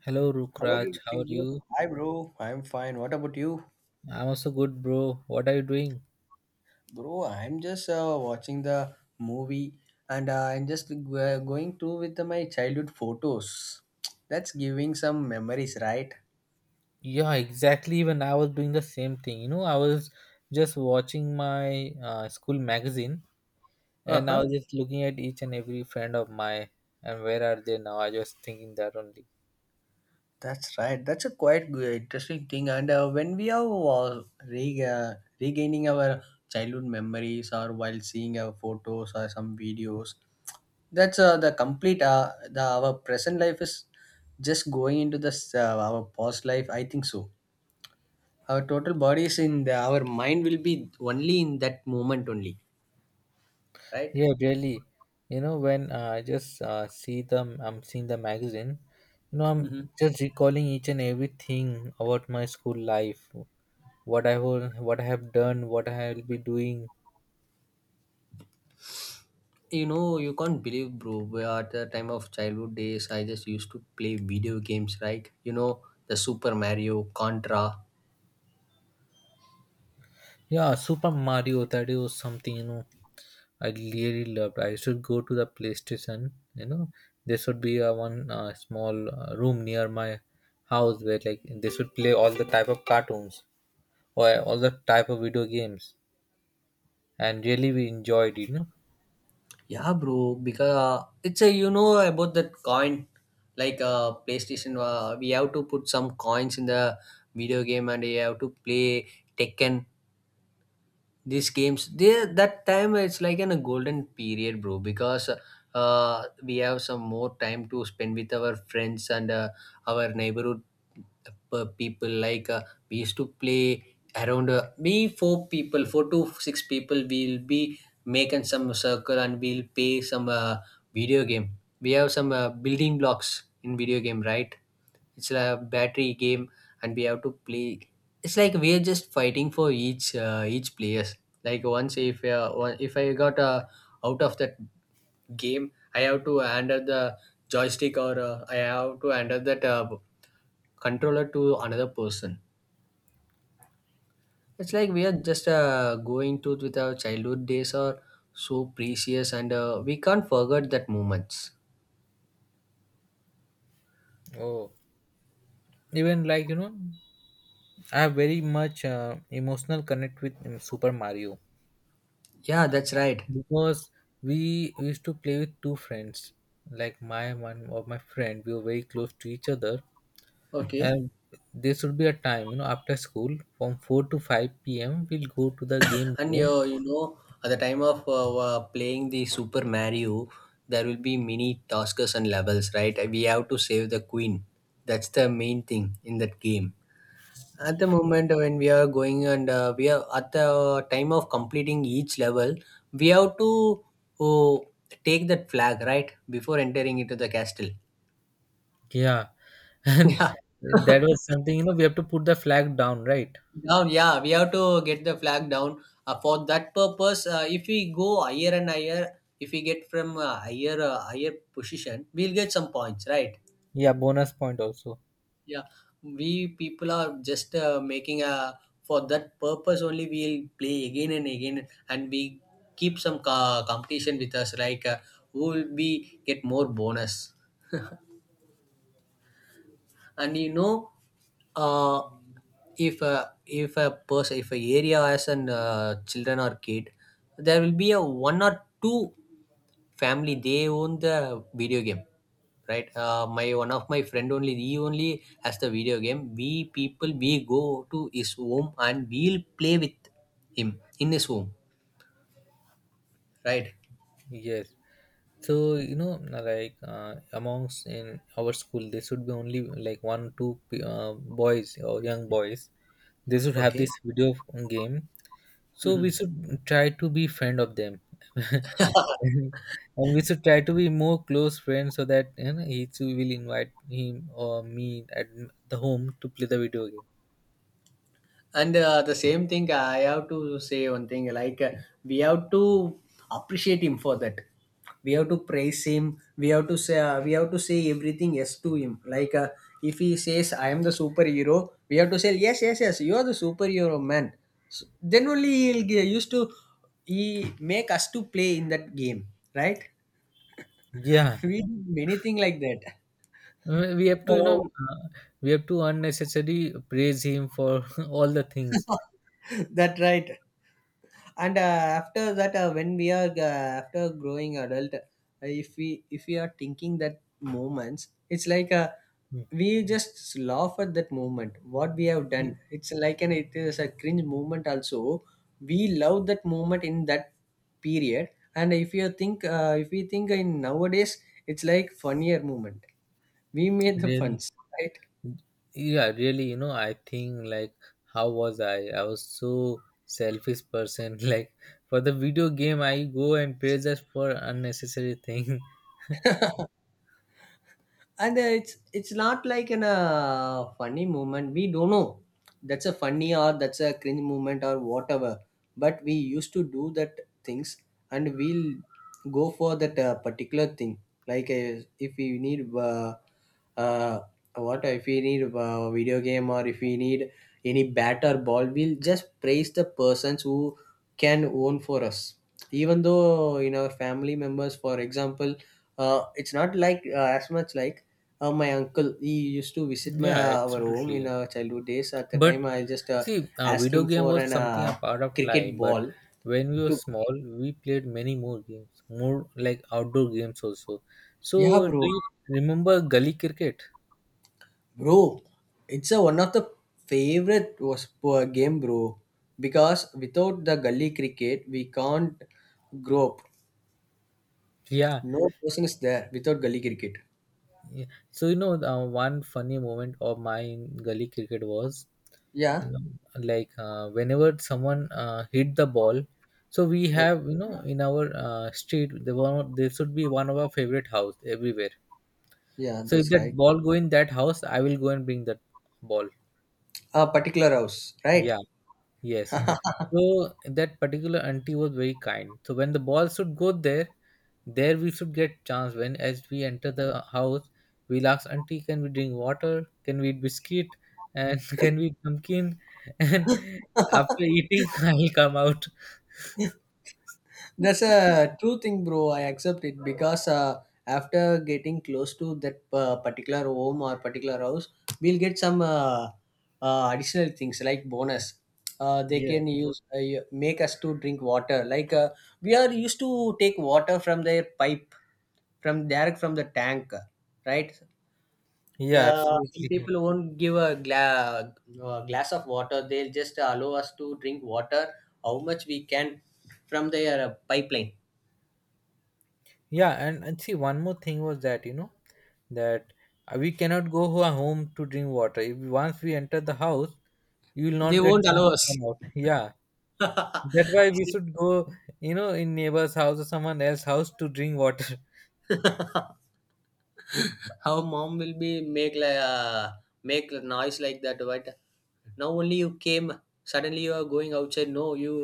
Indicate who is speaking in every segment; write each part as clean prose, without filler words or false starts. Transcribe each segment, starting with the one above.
Speaker 1: Hello,
Speaker 2: How are
Speaker 1: Rukraj.
Speaker 2: you,
Speaker 1: How are
Speaker 2: Ritik, bro?
Speaker 1: you?
Speaker 2: Hi, bro. I'm fine. What about you?
Speaker 1: I'm also good, bro. What are you doing?
Speaker 2: Bro, I'm just watching the movie and I'm just going through with my childhood photos. That's giving some memories, right?
Speaker 1: Yeah, exactly. Even I was doing the same thing. You know, I was just watching my school magazine
Speaker 2: Uh
Speaker 1: and I
Speaker 2: huh.
Speaker 1: was just looking at each and every friend of my and where are they now? I was thinking that only.
Speaker 2: That's right. That's a quite good, interesting thing. And when we are regaining our childhood memories or while seeing our photos or some videos, that's the complete the our present life is just going into this our past life, I think so. Our total body is in the our mind will be only in that moment only, right?
Speaker 1: Yeah, really. You know, when I just see them, I'm seeing the magazine. You know, I'm
Speaker 2: Hmm.
Speaker 1: just recalling each and everything about my school life, what I will, what I have done, what I will be doing.
Speaker 2: You know you can't believe, bro, we at the time of childhood days, I just used to play video games, right? The Super Mario, Contra.
Speaker 1: Yeah, Super Mario, that is something, you know, I really loved. I should go to the PlayStation, you know, there should be a one small room near my house where like they should play all the type of cartoons or all the type of video games. And really we enjoyed it, you know.
Speaker 2: Yeah, bro. Because it's a, about that coin, like PlayStation. We have to put some coins in the video game, and you have to play Tekken. These games, they, that time it's like in a golden period, bro, because we have some more time to spend with our friends and our neighborhood people. Like we used to play around. We four people, four to six people we'll be making some circle and we'll play some video game. We have some building blocks in video game, right? It's a battery game and we have to play. It's like we're just fighting for each each players. Like once if if I got out of that game, I have to hand out the joystick or I have to hand out that controller to another person. It's like we are just going to, with our childhood days are so precious and we can't forget that moments.
Speaker 1: Oh, even like, you know, I have very much emotional connect with Super Mario
Speaker 2: Yeah, that's right.
Speaker 1: because we used to play with two friends. Like my one of my friend, we were very close to each other
Speaker 2: Okay.
Speaker 1: and there should be a time, you know, after school from 4 to 5 p.m we'll go to the game
Speaker 2: And
Speaker 1: zone.
Speaker 2: you know, at the time of playing the Super Mario, there will be many tasks and levels, right? We have to save the queen. That's the main thing in that game. At the moment when we are going and we are at the time of completing each level, we have to uh, take that flag, right? Before entering into the castle.
Speaker 1: Yeah. And
Speaker 2: Yeah.
Speaker 1: that was something, you know, we have to put the flag down, right?
Speaker 2: Down, yeah, we have to get the flag down. For that purpose, if we go higher and higher, if we get from higher position, we'll get some points, right?
Speaker 1: Yeah, bonus point also.
Speaker 2: Yeah, we people are just making a, for that purpose only. We'll play again and again, and we keep some competition with us, like who will be get more bonus. And you know, uh, if a, if a person, if a area has an children or kid, there will be a one or two family they own the video game, right? My one of my friend only, he only has the video game. We people, we go to his home and we'll play with him in his home, right?
Speaker 1: Yes, so you know, like, amongst in our school there should be only like one two boys or young boys, they should have
Speaker 2: Okay.
Speaker 1: this video game. So we
Speaker 2: Mhm.
Speaker 1: should try to be friend of them. And we should try to be more close friends, so that, you know, he too will invite him or me at the home to play the video game.
Speaker 2: And the same thing, I have to say one thing, like, we have to appreciate him for that. We have to praise him. We have to say, everything yes to him. Like if he says I am the superhero, we have to say yes, yes, yes. You are the superhero, man. So then only he'll get used to, he make us to play in that game, right?
Speaker 1: Yeah.
Speaker 2: We do many thing like that.
Speaker 1: We have to, you know,
Speaker 2: Oh,
Speaker 1: uh, we have to unnecessarily praise him for all the things.
Speaker 2: that right. And after that, when we are, after growing adult, if we, if we are thinking that moments, it's like
Speaker 1: Mm.
Speaker 2: we just laugh at that moment what we have done. It's like an, it is a cringe moment also. We love that moment in that period. And if you think, if we think in nowadays, it's like funnier moment. We made the
Speaker 1: Really,
Speaker 2: funs, right?
Speaker 1: yeah, really. You know, I think like how was I? I was so selfish person. Like for the video game, I go and praise us for unnecessary thing.
Speaker 2: And it's not like in a funny moment, we don't know that's a funny or that's a cringe moment or whatever, but we used to do that things and we'll go for that particular thing. Like if we need, uh, what if we need a video game or if we need any bat or ball, we'll just praise the persons who can own for us. Even though in our family members, for example, it's not like as much like my uncle, he used to visit my,
Speaker 1: Yeah,
Speaker 2: our home in
Speaker 1: absolutely.
Speaker 2: our childhood days. At the
Speaker 1: But
Speaker 2: time, I just
Speaker 1: see,
Speaker 2: asked
Speaker 1: video
Speaker 2: him
Speaker 1: game
Speaker 2: for
Speaker 1: was
Speaker 2: an
Speaker 1: something a part of life.
Speaker 2: cricket
Speaker 1: But
Speaker 2: ball
Speaker 1: when we were
Speaker 2: to,
Speaker 1: small, we played many more games, more like outdoor games also.
Speaker 2: yeah,
Speaker 1: So do
Speaker 2: bro.
Speaker 1: you remember gully cricket?
Speaker 2: Bro, it's a, one of the favorite was game, bro. Because without the gully cricket, we can't grow up.
Speaker 1: Yeah.
Speaker 2: No person is there without gully cricket.
Speaker 1: Yeah. So you know, one funny moment of my in gully cricket was, you
Speaker 2: Yeah.
Speaker 1: know, like whenever someone hit the ball. So we
Speaker 2: Oh,
Speaker 1: have, you know, in our street, there one there should be one of our favorite house everywhere.
Speaker 2: yeah,
Speaker 1: So if
Speaker 2: that's right.
Speaker 1: that ball go in that house, I will go and bring that ball.
Speaker 2: A particular house, right?
Speaker 1: Yeah, yes. So that particular auntie was very kind. So when the ball should go there, there we should get chance. When as we enter the house, we'll ask auntie, can we drink water? Can we eat biscuit? And can we eat pumpkin? And after eating, I'll come out.
Speaker 2: That's a true thing, bro. I accept it because after getting close to that particular home or particular house, we'll get some additional things like bonus. They
Speaker 1: Yeah,
Speaker 2: can use, make us to drink water. Like we are used to take water from their pipe, from direct from the tank, right?
Speaker 1: yeah,
Speaker 2: Some
Speaker 1: absolutely.
Speaker 2: people won't give a glass of water. They'll just allow us to drink water how much we can from their pipeline.
Speaker 1: Yeah, and see, one more thing was that, you know, that we cannot go home to drink water. If once we enter the house, you will
Speaker 2: They
Speaker 1: not get
Speaker 2: won't
Speaker 1: chance
Speaker 2: allow
Speaker 1: to
Speaker 2: us.
Speaker 1: come out. Yeah. That's why we should go, you know, in neighbor's house or someone else's house to drink water.
Speaker 2: Our mom will be make like make a noise like that. But now only you came. Suddenly you are going outside. No, you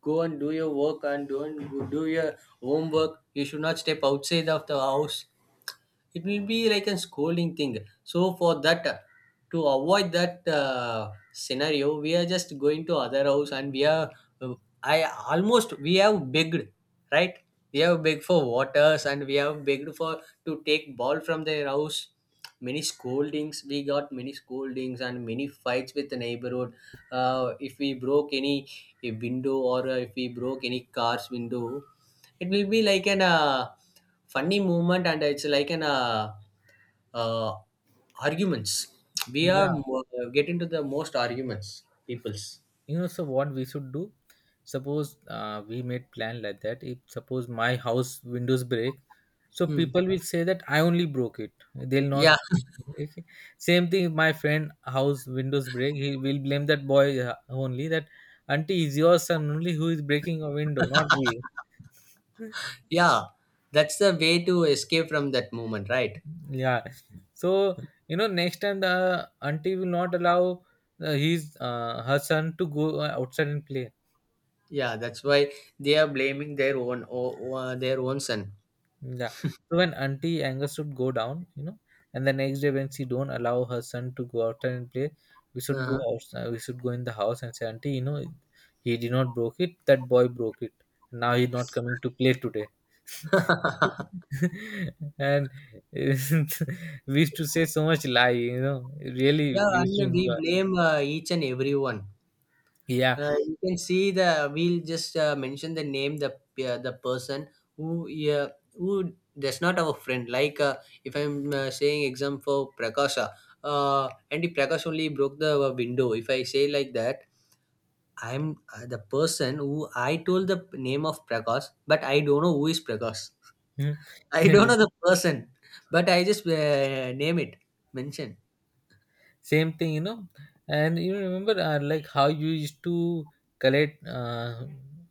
Speaker 2: go and do your work and do, and do your homework. You should not step outside of the house. It will be like a scolding thing. So for that, to avoid that scenario, we are just going to other house and we are, I, almost we have begged, right? We have begged for waters and we have begged for, to take ball from their house. Many scoldings we got, many scoldings and many fights with the neighborhood. If we broke any a window or if we broke any car's window, it will be like an funny moment and it's like an uh, arguments. We are
Speaker 1: Yeah,
Speaker 2: get into the most arguments, peoples.
Speaker 1: you know, so what we should do? Suppose we made plan like that. If suppose my house windows break, so
Speaker 2: Hmm.
Speaker 1: people will say that I only broke it. They'll not.
Speaker 2: Yeah,
Speaker 1: Okay. Same thing, if my friend house windows break. He will blame that boy only. That auntie is your son only who is breaking a window, not me.
Speaker 2: yeah, that's the way to escape from that moment, right?
Speaker 1: Yeah, so you know next time the auntie will not allow his her son to go outside and play.
Speaker 2: Yeah, that's why they are blaming their own their own son.
Speaker 1: Yeah, so when auntie anger should go down, you know, and the next day when she don't allow her son to go outside and play, we should go
Speaker 2: Uh-huh.
Speaker 1: outside, we should go in the house and say, auntie, you know, he did not broke it, that boy broke it, now he not coming to play today. And we used to say so much lie, you know, really
Speaker 2: Yeah,
Speaker 1: we used
Speaker 2: and
Speaker 1: to
Speaker 2: we
Speaker 1: enjoy.
Speaker 2: blame each and everyone.
Speaker 1: Yeah.
Speaker 2: You can see, the, we'll just mention the name, the person who, yeah, who that's not our friend. Like if I'm saying example for Prakasha, and if Prakash only broke the window, if I say like that, I'm the person who, I told the name of Prakash, but I don't know who is Prakash.
Speaker 1: Mm.
Speaker 2: I don't know the person, but I just name it, mention.
Speaker 1: Same thing, you know. And you remember, like how you used to collect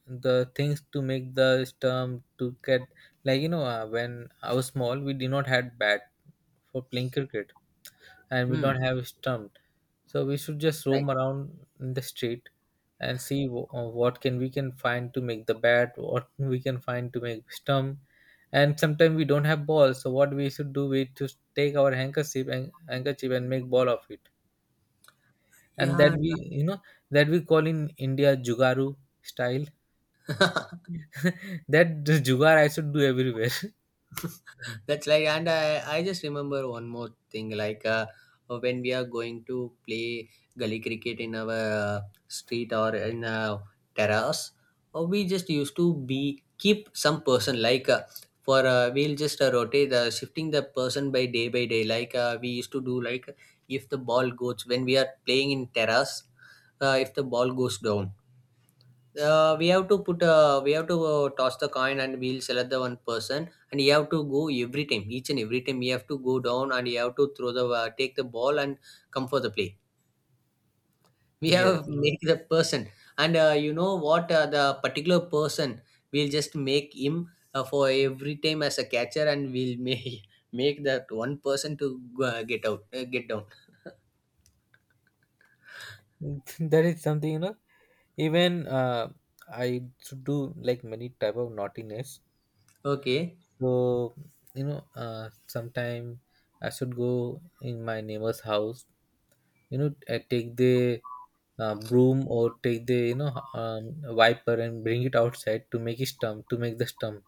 Speaker 1: the things to make the stump to get, like you know, when I was small, we did not had bat for playing cricket, and we do
Speaker 2: Hmm,
Speaker 1: not have stump. So we should just
Speaker 2: right.
Speaker 1: roam around in the street and see what can we can find to make the bat, what we can find to make stump. And sometimes we don't have ball, so what we should do, we just take our handkerchief and make ball of it. And that,
Speaker 2: Yeah.
Speaker 1: we, you know, that we call in India Jugaru style. That the Jugar I should do everywhere.
Speaker 2: That's like, and I just remember one more thing, like when we are going to play gully cricket in our street or in a terrace, or we just used to be, keep some person, like for we'll just rotate, shifting the person by day by day. Like we used to do like, if the ball goes when we are playing in terrace, if the ball goes down, we have to put, we have to toss the coin and we'll select the one person, and you have to go every time, each and every time you have to go down and you have to throw the, take the ball and come for the play. We
Speaker 1: Yes,
Speaker 2: have make the person. And you know what, the particular person, we'll just make him for every time as a catcher and we'll make make that one person to go, get out, get down.
Speaker 1: that is something you know. Even I should do like many type of naughtiness.
Speaker 2: Okay.
Speaker 1: So you know, sometime I should go in my neighbor's house. You know, I take the broom or take the, you know, wiper and bring it outside to make it stump, to make the stump.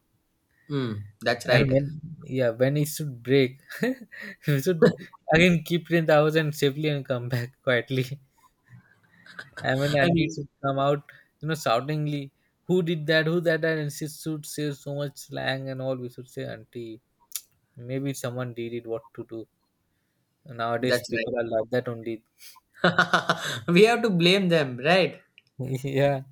Speaker 2: Mm, that's
Speaker 1: And
Speaker 2: right.
Speaker 1: when, yeah, when it should break, we should again keep it in the house and safely and come back quietly. And when the
Speaker 2: I
Speaker 1: auntie
Speaker 2: mean,
Speaker 1: should come out, you know, shoutingly, who did that? Who that? That? And she should say so much slang and all. We should say, auntie, maybe someone did it. What to do? Nowadays
Speaker 2: that's
Speaker 1: people are like that only.
Speaker 2: right. We have to blame them, right?
Speaker 1: Yeah,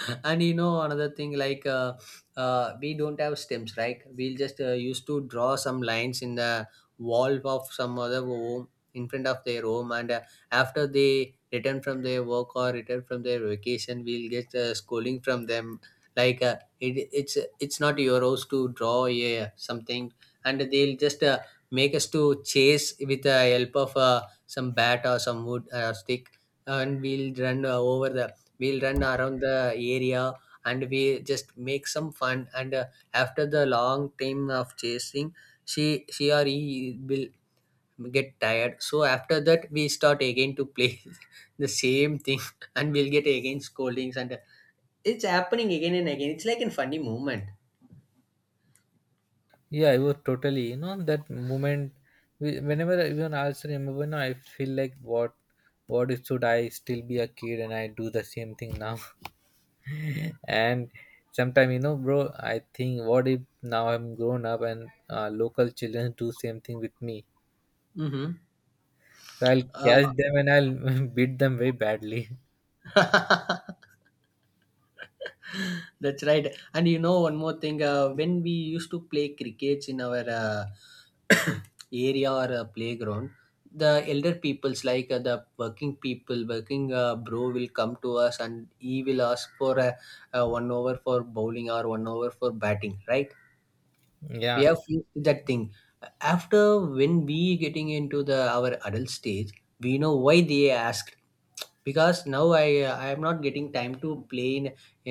Speaker 2: And you know another thing, like we don't have stems, right? We'll just used to draw some lines in the wall of some other home, in front of their home. And after they return from their work or return from their vacation, we'll get scolding from them, like it, it's not your house to draw a something. And they'll just make us to chase with the help of some bat or some wood stick, and we'll run over the we'll run around the area and we just make some fun. And after the long time of chasing, she or he will get tired. So after that we start again to play the same thing. And we'll get again scoldings. And it's happening again and again. It's like a funny moment.
Speaker 1: yeah, it was totally, you know, that moment, whenever even I also remember now I feel like what if should I still be a kid and I do the same thing now. And sometime you know, bro, I think what if now I'm grown up and local children do same thing with me.
Speaker 2: Mm-hmm.
Speaker 1: So I'll catch them and I'll beat them very badly.
Speaker 2: uh, That's right. And you know, one more thing, when we used to play crickets in our area or playground, the elder peoples, like the working people, working bro, will come to us and he will ask for a one over for bowling or one over for batting, right? We
Speaker 1: Yeah.
Speaker 2: have faced that thing after when we getting into the our adult stage. We know why they asked because now I am not getting time to play in,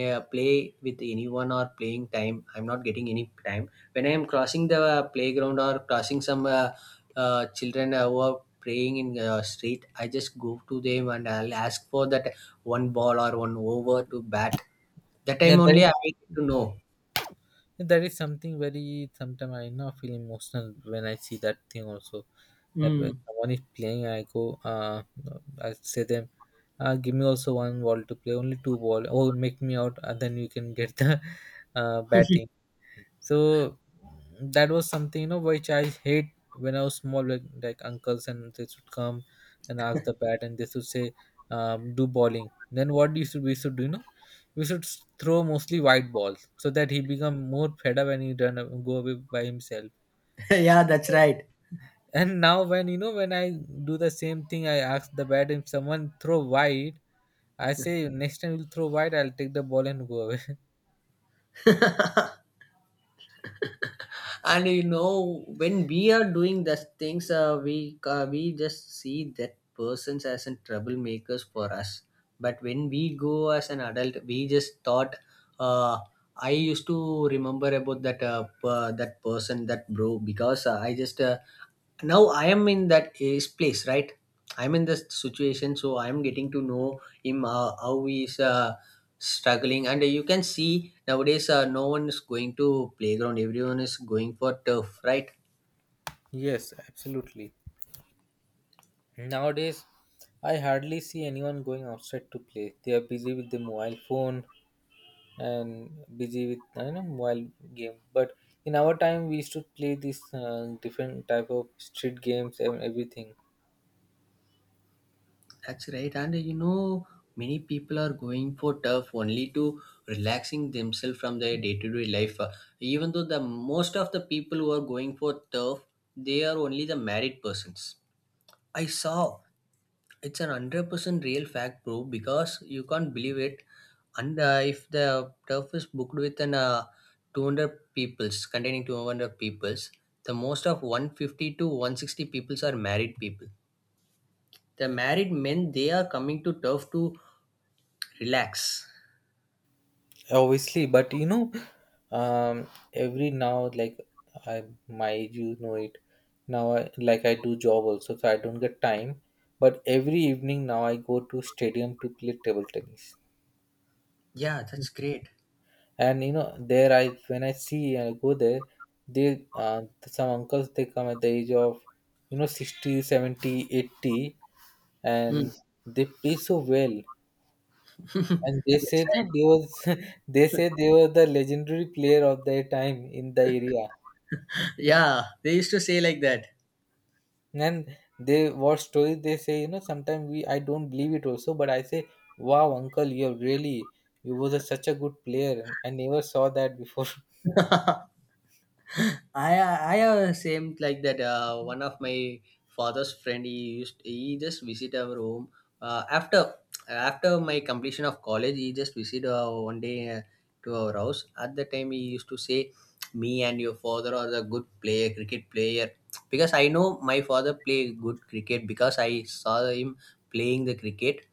Speaker 2: play with anyone or playing time I'm not getting any time. When I am crossing the playground or crossing some children who are playing in the street, I just go to them and I'll ask for that one ball or one over to bat. That
Speaker 1: Yeah,
Speaker 2: time
Speaker 1: that
Speaker 2: only
Speaker 1: is,
Speaker 2: I get to know.
Speaker 1: that is something very, sometimes I now feel emotional when I see that thing also. That when
Speaker 2: Mm.
Speaker 1: someone is playing, I go, I say them, give me also one ball to play, only two ball, or make me out and then you can get the batting. So that was something, you know, which I hate when I was small, like uncles and they should come and ask the bat and they should say, do bowling. Then what you should, we should do, you know, we should throw mostly white balls so that he become more fed up and he done, go away by himself.
Speaker 2: Yeah, that's right.
Speaker 1: And now, when you know, when I do the same thing, I ask the bat, if someone throw wide, I say, next time you throw wide, I'll take the ball and go away.
Speaker 2: And you know, when we are doing those things, we just see that persons as in troublemakers for us. But when we go as an adult, we just thought, uh, I used to remember about that that person, that bro, because I just now I am in that is place, right? I'm in this situation, so I'm getting to know him, how he's struggling. And you can see nowadays no one is going to playground, everyone is going for turf, right?
Speaker 1: Yes, absolutely. Nowadays, I hardly see anyone going outside to play. They are busy with the mobile phone and busy with, I know, mobile game. But in our time, we used to play this different type of street games and everything.
Speaker 2: That's right. And you know, many people are going for turf only to relaxing themselves from their day-to-day life. Even though the most of the people who are going for turf, they are only the married persons. I saw it's an 100% real fact, bro, because you can't believe it. And if the turf is booked with an 200 peoples, containing 200 peoples, the most of 150 to 160 peoples are married people. The married men, they are coming to turf to relax.
Speaker 1: Obviously, but you know, um every now, like, I my age you know it now I, like, I do job also, so I don't get time. But every evening now I go to stadium to play table tennis.
Speaker 2: Yeah, that's great.
Speaker 1: And you know there, I, when I see, I go there, they, some uncles, they come at the age of, you know, 60, 70, 80,
Speaker 2: Mm,
Speaker 1: and they play so well, and they say
Speaker 2: that's
Speaker 1: that
Speaker 2: right.
Speaker 1: they was, they say they were the legendary player of their time in the area.
Speaker 2: Yeah, they used to say like that.
Speaker 1: And they what story they say, you know, sometimes we, I don't believe it also, but I say, wow, uncle, you're really, you was a, such a good player, and I never saw that before.
Speaker 2: I have a same like that. One of my father's friend, he used he just visit our home uh, after after my completion of college. He just visit one day to our house. At the time, he used to say, "Me and your father are a good player, cricket player," because I know my father play good cricket because I saw him playing the cricket,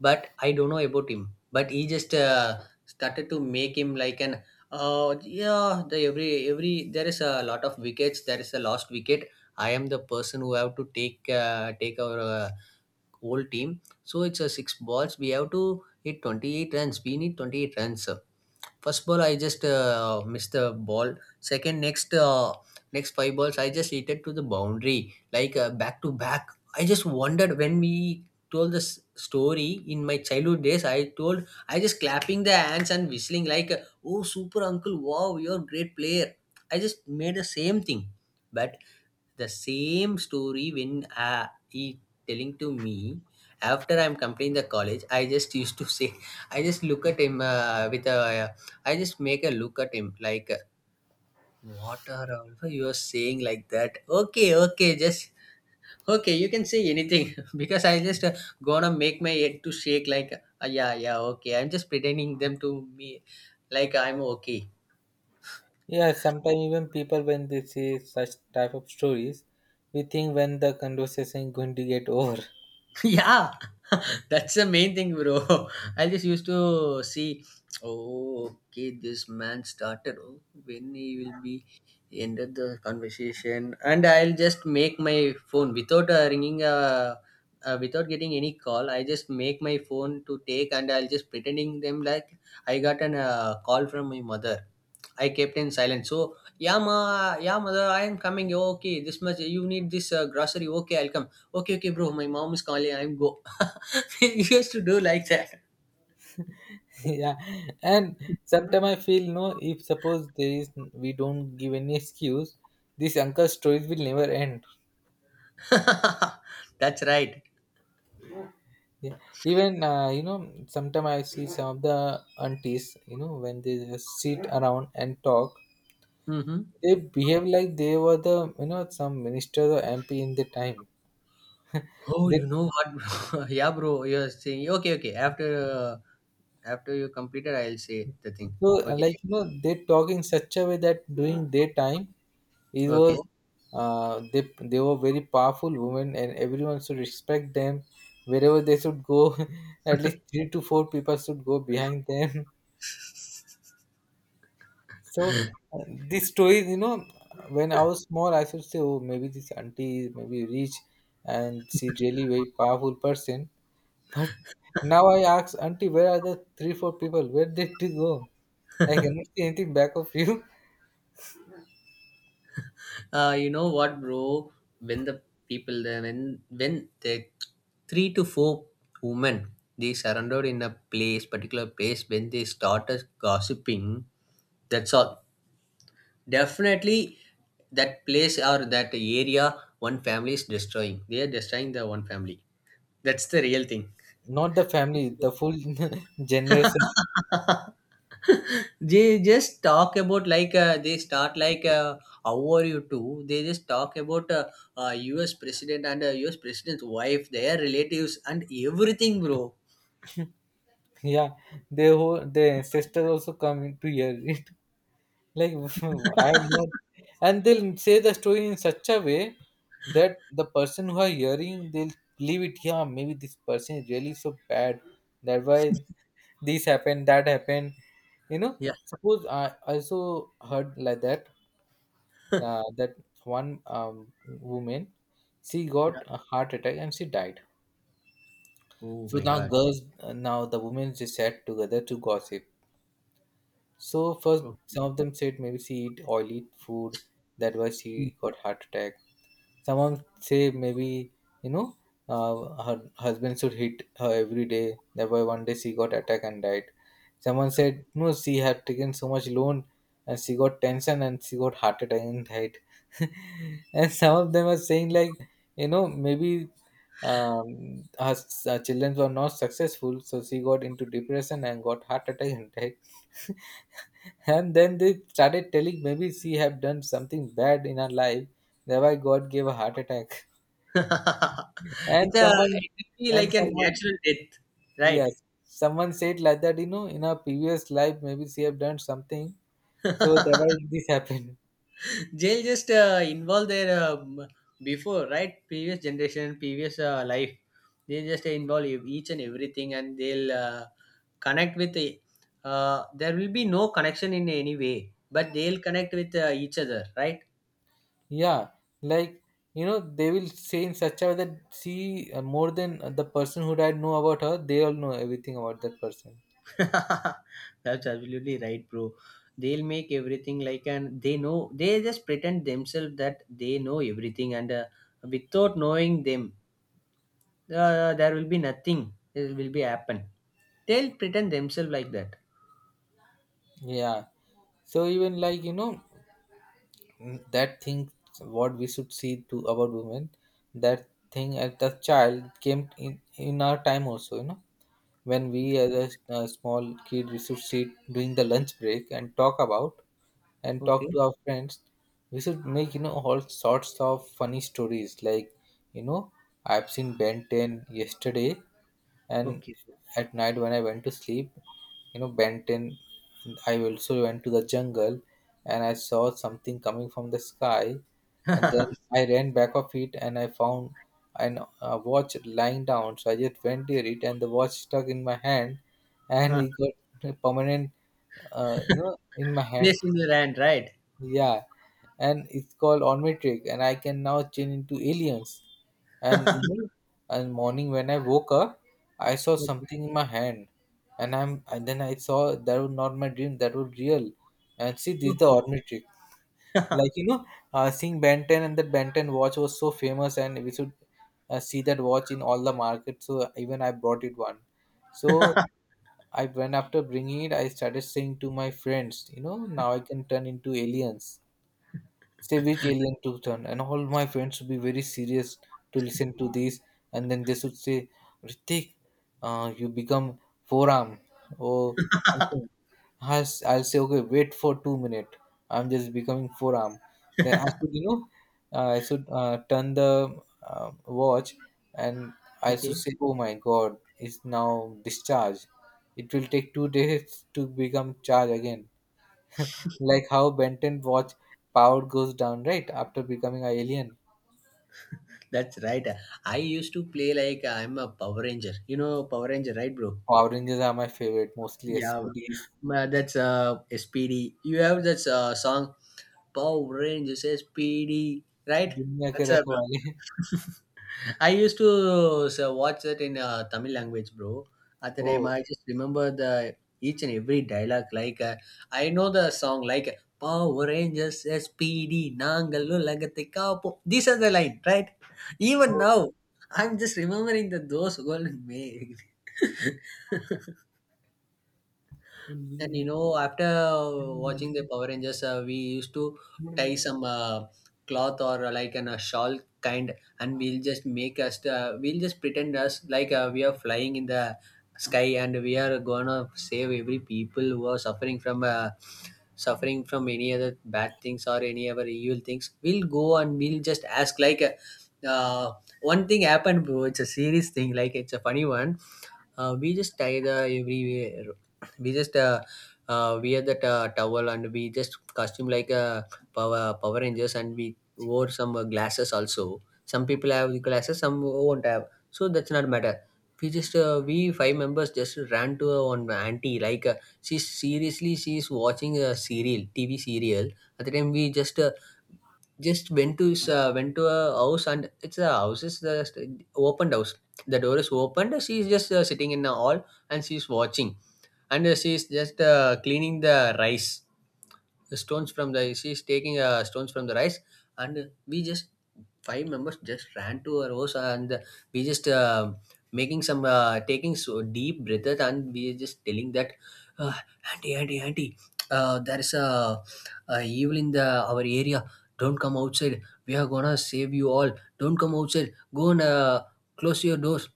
Speaker 2: but I don't know about him. But he just started to make him like an, uh, yeah, the every there is a lot of wickets, there is a lost wicket, I am the person who have to take our whole team. So it's a 6 balls. We have to hit 28 runs. We need 28 runs. First ball, I just missed the ball. Second, next 5 balls, I just hit it to the boundary, like back to back. I just wondered when we told this story in my childhood days. I told I just clapping the hands and whistling like, "Oh, super uncle! Wow, you're a great player." I just made the same thing. But the same story when he telling to me after I'm completing the college, I just used to say, I just look at him with a, I just make a look at him like, what are all you are saying like that, okay, okay, just okay, you can say anything. Because I just gonna make my head to shake like, yeah, yeah, okay, I'm just pretending them to me like I'm okay.
Speaker 1: Yeah, sometimes even people when they say such type of stories, we think when the conversation going to get over.
Speaker 2: Yeah. That's the main thing, bro. I just used to see, oh okay, this man started, oh, when he will be ended the conversation and I'll just make my phone without ringing without getting any call. I just make my phone to take and I'll just pretending them like I got an call from my mother. I kept in silence, so yeah ma, yeah mother I am coming, "Oh, okay this much you need this grocery, okay I'll come, okay okay bro, my mom is calling, I'm go." We used to do like that.
Speaker 1: Yeah. And sometimes I feel, no, if suppose there is, we don't give any excuse, this uncle stories will never end.
Speaker 2: That's right.
Speaker 1: Yeah, even you know, sometimes I see some of the aunties, you know, when they just sit around and talk,
Speaker 2: Mm-hmm.
Speaker 1: they behave like they were the, you know, some minister or MP in the time.
Speaker 2: Oh,
Speaker 1: They
Speaker 2: you know what, yeah bro, you're saying, okay okay, after uh, after you completed I'll say the thing.
Speaker 1: so
Speaker 2: Okay.
Speaker 1: like, you know, they talk in such a way that during their time, it was
Speaker 2: Okay.
Speaker 1: they were very powerful women and everyone should respect them. Wherever they should go, at least three to four people should go behind them. So uh, this story, you know, when I was small, I should say, oh, maybe this auntie is maybe rich, and she really very powerful person. But now I ask auntie, where are the three four people? Where did they go? I cannot see anything back of you.
Speaker 2: You know what, bro, when the people there, when the 3 to 4 women, they surrounded in a place, particular place, when they started gossiping, that's all. Definitely, that place or that area, one family is destroying. They are destroying the one family. That's the real thing.
Speaker 1: Not the family, the full generation.
Speaker 2: They just talk about like they start like how are you too, they just talk about us president and us president's wife, their relatives and everything, bro.
Speaker 1: Yeah, their whole their ancestors also come into here. Like I am not, and they'll say the story in such a way that the person who are hearing they'll believe it. Yeah, maybe this person is really so bad. That why this happened, that happened. You know,
Speaker 2: Yeah.
Speaker 1: suppose I also heard like that that one woman she got
Speaker 2: Yeah.
Speaker 1: a heart attack and she died.
Speaker 2: Oh
Speaker 1: So
Speaker 2: my
Speaker 1: now
Speaker 2: god.
Speaker 1: girls, now the women just sat together to gossip. So first,
Speaker 2: Okay.
Speaker 1: some of them said maybe she eat oily food, that why she got heart attack. Someone say maybe you know her husband should hit her every day, that why one day she got attack and died. Someone said no, she had taken so much loan and she got tension and she got heart attack and died. And some of them are saying like maybe children were not successful, so she got into depression and got heart attack and died. And then they started telling maybe she have done something bad in her life, thereby god gave a heart attack. and
Speaker 2: It's a,
Speaker 1: someone
Speaker 2: it will be
Speaker 1: and
Speaker 2: like a
Speaker 1: someone
Speaker 2: natural death, right?
Speaker 1: yes, someone said like that, you know, in her previous life maybe she have done something, so thereby this happened.
Speaker 2: Jail just involve their before, right, previous generation, previous life. They just involve ev-, each and everything, and they'll connect with the-. There will be no connection in any way, but they'll connect with each other, right?
Speaker 1: Yeah, like you know they will say in such a way that she more than the person who died know about her, they all know everything about that person.
Speaker 2: That's absolutely right, bro. They'll make everything like, and they know, they just pretend themselves that they know everything, and without knowing them, there will be nothing. It will be happen. They'll pretend themselves like that.
Speaker 1: Yeah, so even like you know that thing, what we should see to about women, that thing as the child came in our time also, you know, when we as a, a small kid we should sit during the lunch break and talk about and talk
Speaker 2: Okay.
Speaker 1: to our friends. We should make, you know, all sorts of funny stories like, you know, I've seen Ben 10 yesterday, and
Speaker 2: Okay.
Speaker 1: at night when I went to sleep, you know, Ben 10, I also went to the jungle and I saw something coming from the sky, and then I ran back of it and I found an a watch lying down, so I just went near it and the watch stuck in my hand, and
Speaker 2: Uh,
Speaker 1: it got permanent, you know, in my hand.
Speaker 2: place in your hand, right?
Speaker 1: Yeah, and it's called Onmetric, and I can now change into aliens. And you know, and morning when I woke up, I saw something in my hand, and I'm and then I saw that was not my dream, that was real. And see, this is the
Speaker 2: Okay.
Speaker 1: Onmetric. Like you know, seeing Ben 10, and that Ben 10 watch was so famous, and we should see that watch in all the markets. So even I brought it one. So I went, after bringing it, I started saying to my friends, you know, now I can turn into aliens, say which alien took turn, and all my friends would be very serious to listen to this. And then they should say, "Ritik, you become forearm or something." I'll, I'll say, "Okay, wait for 2 minutes, I'm just becoming forearm." Then I should, you know, I should turn the watch, and I should
Speaker 2: Okay.
Speaker 1: say, "Oh my god, it's now discharged. It will take 2 days to become charged again," like how Benton watch power goes down, right? After becoming an alien.
Speaker 2: That's right. I used to play like I'm a Power Ranger. You know Power Ranger, right, bro?
Speaker 1: Power Rangers are my favorite, mostly
Speaker 2: Yeah.
Speaker 1: SPDs.
Speaker 2: Ma- that's SPD. You have that song Power Rangers SPD, right?
Speaker 1: दुनिया के
Speaker 2: That's a,
Speaker 1: रखवाले.
Speaker 2: I used to so, watch that in Tamil language, bro. At the time,
Speaker 1: Oh,
Speaker 2: I just remember the each and every dialogue. Like I know the song, like Power Rangers, SPD, Nangal, Lagate Kapo. These are the line, right? Even
Speaker 1: oh,
Speaker 2: now, I'm just remembering the those golden me. And you know, after watching the Power Rangers, we used to tie some cloth or a shawl kind, and we'll just make us, we'll just pretend us like we are flying in the sky and we are gonna save every people who are suffering from any other bad things or any other evil things. We'll go and we'll just ask like. Uh, One thing happened, bro. It's a serious thing. Like it's a funny one. We just tie the everywhere we just wear that towel and we just costume like a power rangers, and we wore some glasses also, some people have glasses, some won't have, so that's not matter. We just we five members just ran to one auntie, like she seriously, she's watching a serial, tv serial. At the time, we just went to his, went to a house, and it's a house, it's just opened house, the door is opened, she is just sitting in the hall and she is watching. And she is just cleaning the rice, the stones from the, she is taking stones from the rice. And we just five members just ran to our house and we just making some taking so deep breaths, and we are just telling that, uh, auntie, auntie, auntie, there is a evil in the our area, don't come outside, we are gonna save you all, don't come outside, go and close your doors.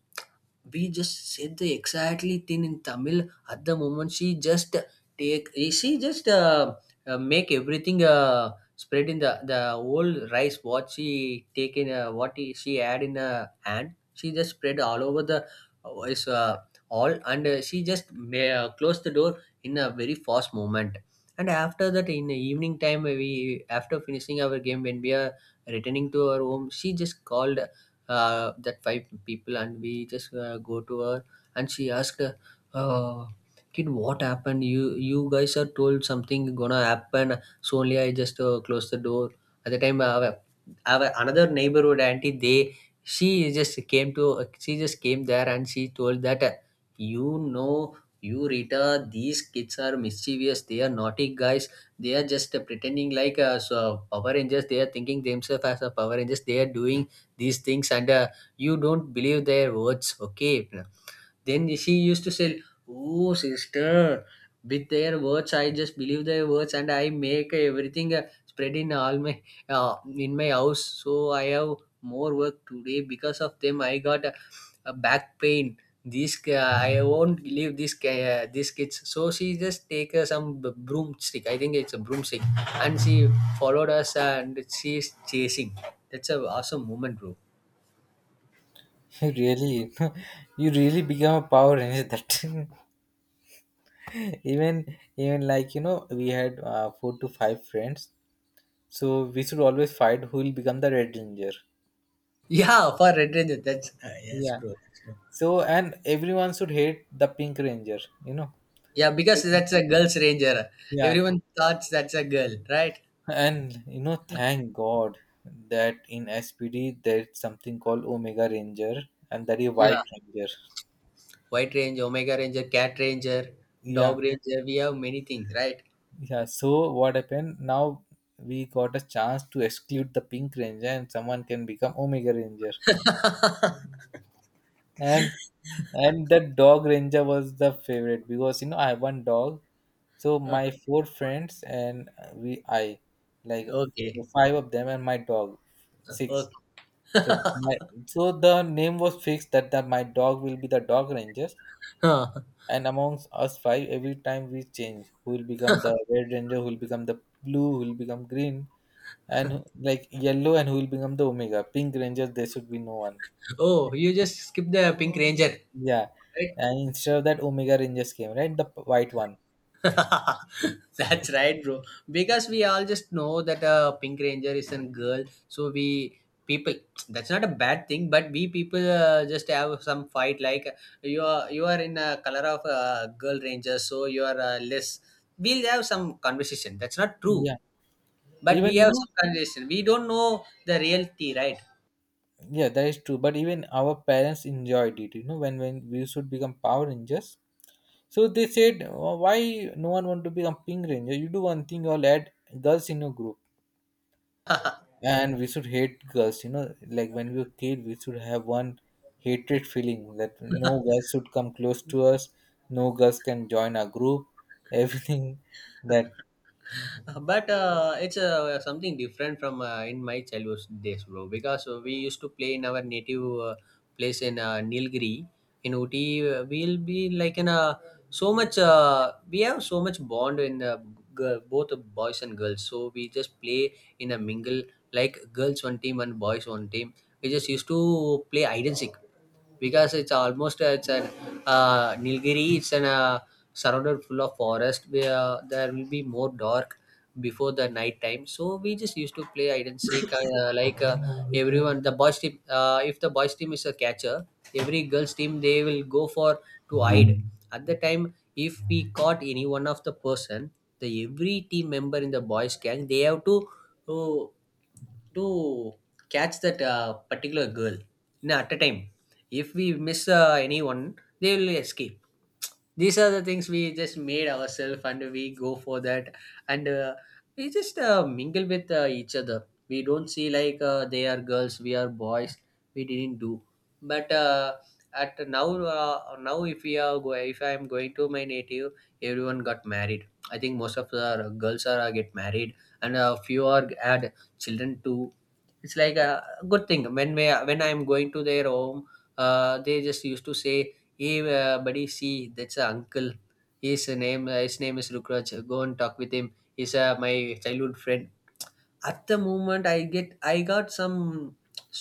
Speaker 2: We just said the exactly thing in Tamil. At the moment, she just take, she just make everything spread in the whole rice what she take in, what he-, she add in a hand. She just spread all over the is all. And she just may, close the door in a very fast moment. And after that, in the evening time, we after finishing our game when we are returning to our home, she just called that five people and we just go to her and she asked uh, kid, what happened? You guys are told something gonna happen, so only I just closed the door at the time. Our another neighborhood auntie, they she just came to she just came there and she told that, "You know, you Rita, these kids are mischievous, they are naughty guys. They are just pretending like so Power Rangers. They are thinking themselves as a Power Rangers, they are doing these things, and you don't believe their words, okay?" Then she used to say, "Oh sister, with their words I just believe their words and I make everything spread in all my uh, in my house. So I have more work today. Because of them I got a back pain. This I won't leave this kids." So she just take some broomstick, I think it's a broomstick, and she followed us and she's chasing. That's a awesome moment, bro.
Speaker 1: you really, you really become a power ranger that time. Even, even like you know, we had four to five friends, so we should always fight who will become the red ranger.
Speaker 2: Yeah, for Red Ranger. That's Ah, yes,
Speaker 1: Yeah,
Speaker 2: bro. Yes, bro.
Speaker 1: so, and everyone should hate the pink ranger, you know.
Speaker 2: Yeah, because that's a girl's ranger.
Speaker 1: Yeah.
Speaker 2: Everyone thought that's a girl, right?
Speaker 1: And you know, thank God that in SPD there's something called Omega Ranger, and that is White
Speaker 2: Yeah.
Speaker 1: Ranger.
Speaker 2: White Ranger, Omega Ranger, Cat Ranger,
Speaker 1: Yeah,
Speaker 2: Dog Ranger. We have many things, right?
Speaker 1: yeah. So what happened? Now we got a chance to exclude the Pink Ranger and someone can become Omega Ranger. And and the dog ranger was the favorite because you know I have one dog. So
Speaker 2: Ah,
Speaker 1: my four friends and we I like,
Speaker 2: okay.
Speaker 1: five of them and my dog, six.
Speaker 2: Okay.
Speaker 1: So my, so the name was fixed that, that my dog will be the dog rangers,
Speaker 2: Huh.
Speaker 1: and amongst us five, every time we change, who will become the red ranger, who will become the blue, who will become green, and who- like yellow, and who will become the omega. Pink ranger, there should be no one.
Speaker 2: Oh, you just skip the Pink Ranger,
Speaker 1: Yeah,
Speaker 2: right?
Speaker 1: and instead of that, omega rangers came, right? The white one.
Speaker 2: That's right, bro. Because we all just know that a Pink Ranger is a girl, so we people, that's not a bad thing. But we people just have some fight like, you are, you are in a color of a girl ranger, so you are less. We'll have some conversation. That's not true,
Speaker 1: Yeah,
Speaker 2: but we
Speaker 1: even you
Speaker 2: have
Speaker 1: know,
Speaker 2: some conversation. We don't know the reality, right?
Speaker 1: yeah, that is true. But even our parents enjoyed it, you know, when we should become power rangers. So they said, "Oh, why no one want to become Pink Ranger? You do one thing, you'll add girls in your group." And we should hate girls, you know, like when we were kid, we should have one hatred feeling that no girls should come close to us, no girls can join our group, everything. That,
Speaker 2: But it's something different from in my childhood days, bro, because we used to play in our native place in Nilgiri, in Uti. We'll be like in a so much we have so much bond in girl, both the boys and girls, so we just play in a mingle, like girls one team and boys one team. We just used to play hide and seek, because it's almost it's an Nilgiri. It's an surrounded full of forest where there will be more dark before the night time. So we just used to play hide and seek. Like everyone, the boys team. If the boys team is a catcher, every girls team they will go for to hide. At the time, if we caught any one of the person, the every team member in the boys gang they have to. uh, to catch that particular girl, no, at a time. If we miss anyone, they will escape. These are the things we just made ourselves and we go for that. And we just mingle with each other. We don't see like they are girls, we are boys. We didn't do. But at now, now if we are if I am going to my native, everyone got married. I think most of the girls are get married and a few are had children too. It's like a good thing. When I'm going to their home, they just used to say, "Hey, buddy, see, that's a uncle. His name is Rukraj. Go and talk with him. He's my childhood friend." At the moment, I got some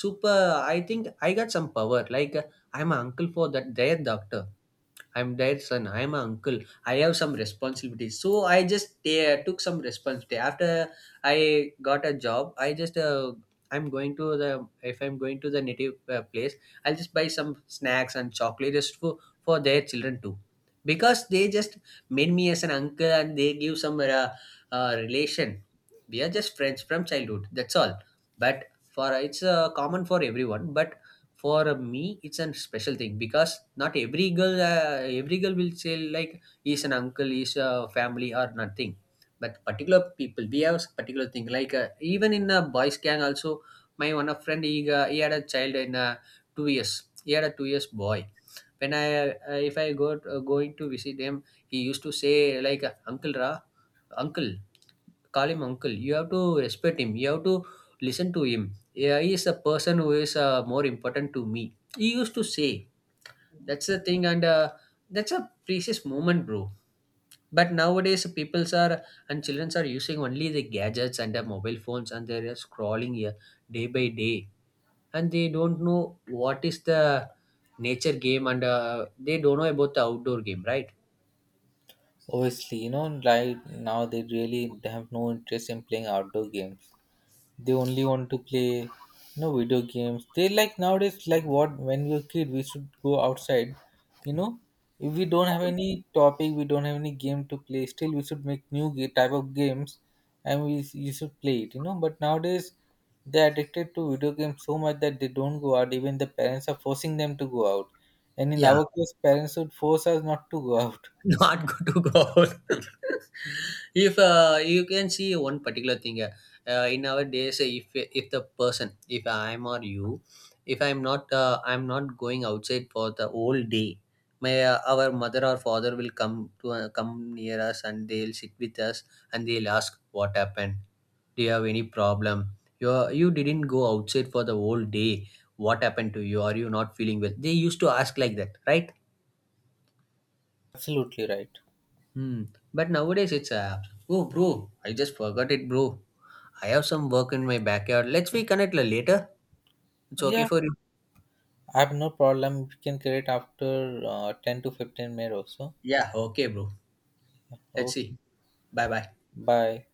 Speaker 2: super. I think I got some power. Like I'm an uncle for that their doctor I'm their son. I'm an uncle. I have some responsibilities. So I just took some responsibility. After I got a job, I just I'm going to the if I'm going to the native place, I'll just buy some snacks and chocolate just for their children too, because they just made me as an uncle and they give some relation. We are just friends from childhood. That's all. But for it's common for everyone. But for me it's a special thing because not every girl every girl will say like he's an uncle, he's a family or nothing, but particular people we have particular thing like, even in a boys gang also, my one of friend he had a child in 2 years, he had a 2 years boy. When I if I go going to visit him, he used to say like, "Uncle, ra, uncle, call him uncle. You have to respect him, you have to listen to him. Yeah, he is a person who is more important to me," he used to say. That's the thing, and that's a precious moment, bro. But nowadays peoples are and childrens are using only the gadgets and the mobile phones, and they're scrolling here day by day, and they don't know what is the nature game, and they don't know about the outdoor game, right?
Speaker 1: obviously, you know, like now they really have no interest in playing outdoor games. They only want to play, you know, video games, they like nowadays, like what, when we were kid, we should go outside, you know, if we don't have any topic, we don't have any game to play, still we should make new type of games and we, you should play it, you know, but nowadays they're addicted to video games so much that they don't go out, even the parents are forcing them to go out, and in
Speaker 2: Yeah.
Speaker 1: our case parents would force us not to go out.
Speaker 2: Not good to go out. If you can see one particular thing, in our days, if the person, if I'm or you, if I'm not, I'm not going outside for the whole day. My our mother or father will come to come near us and they'll sit with us and they'll ask what happened. Do you have any problem? You didn't go outside for the whole day. What happened to you? Are you not feeling well? They used to ask like that, right?
Speaker 1: Absolutely right.
Speaker 2: Hmm. But nowadays it's apps. Oh, bro, I just forgot it, bro. I have some work in my backyard. Let's be connected later. It's okay
Speaker 1: Yeah,
Speaker 2: for you.
Speaker 1: I have no problem, we can create after 10 to 15 minutes also.
Speaker 2: Yeah, okay, bro. Let's
Speaker 1: Okay.
Speaker 2: see. Bye bye.
Speaker 1: Bye.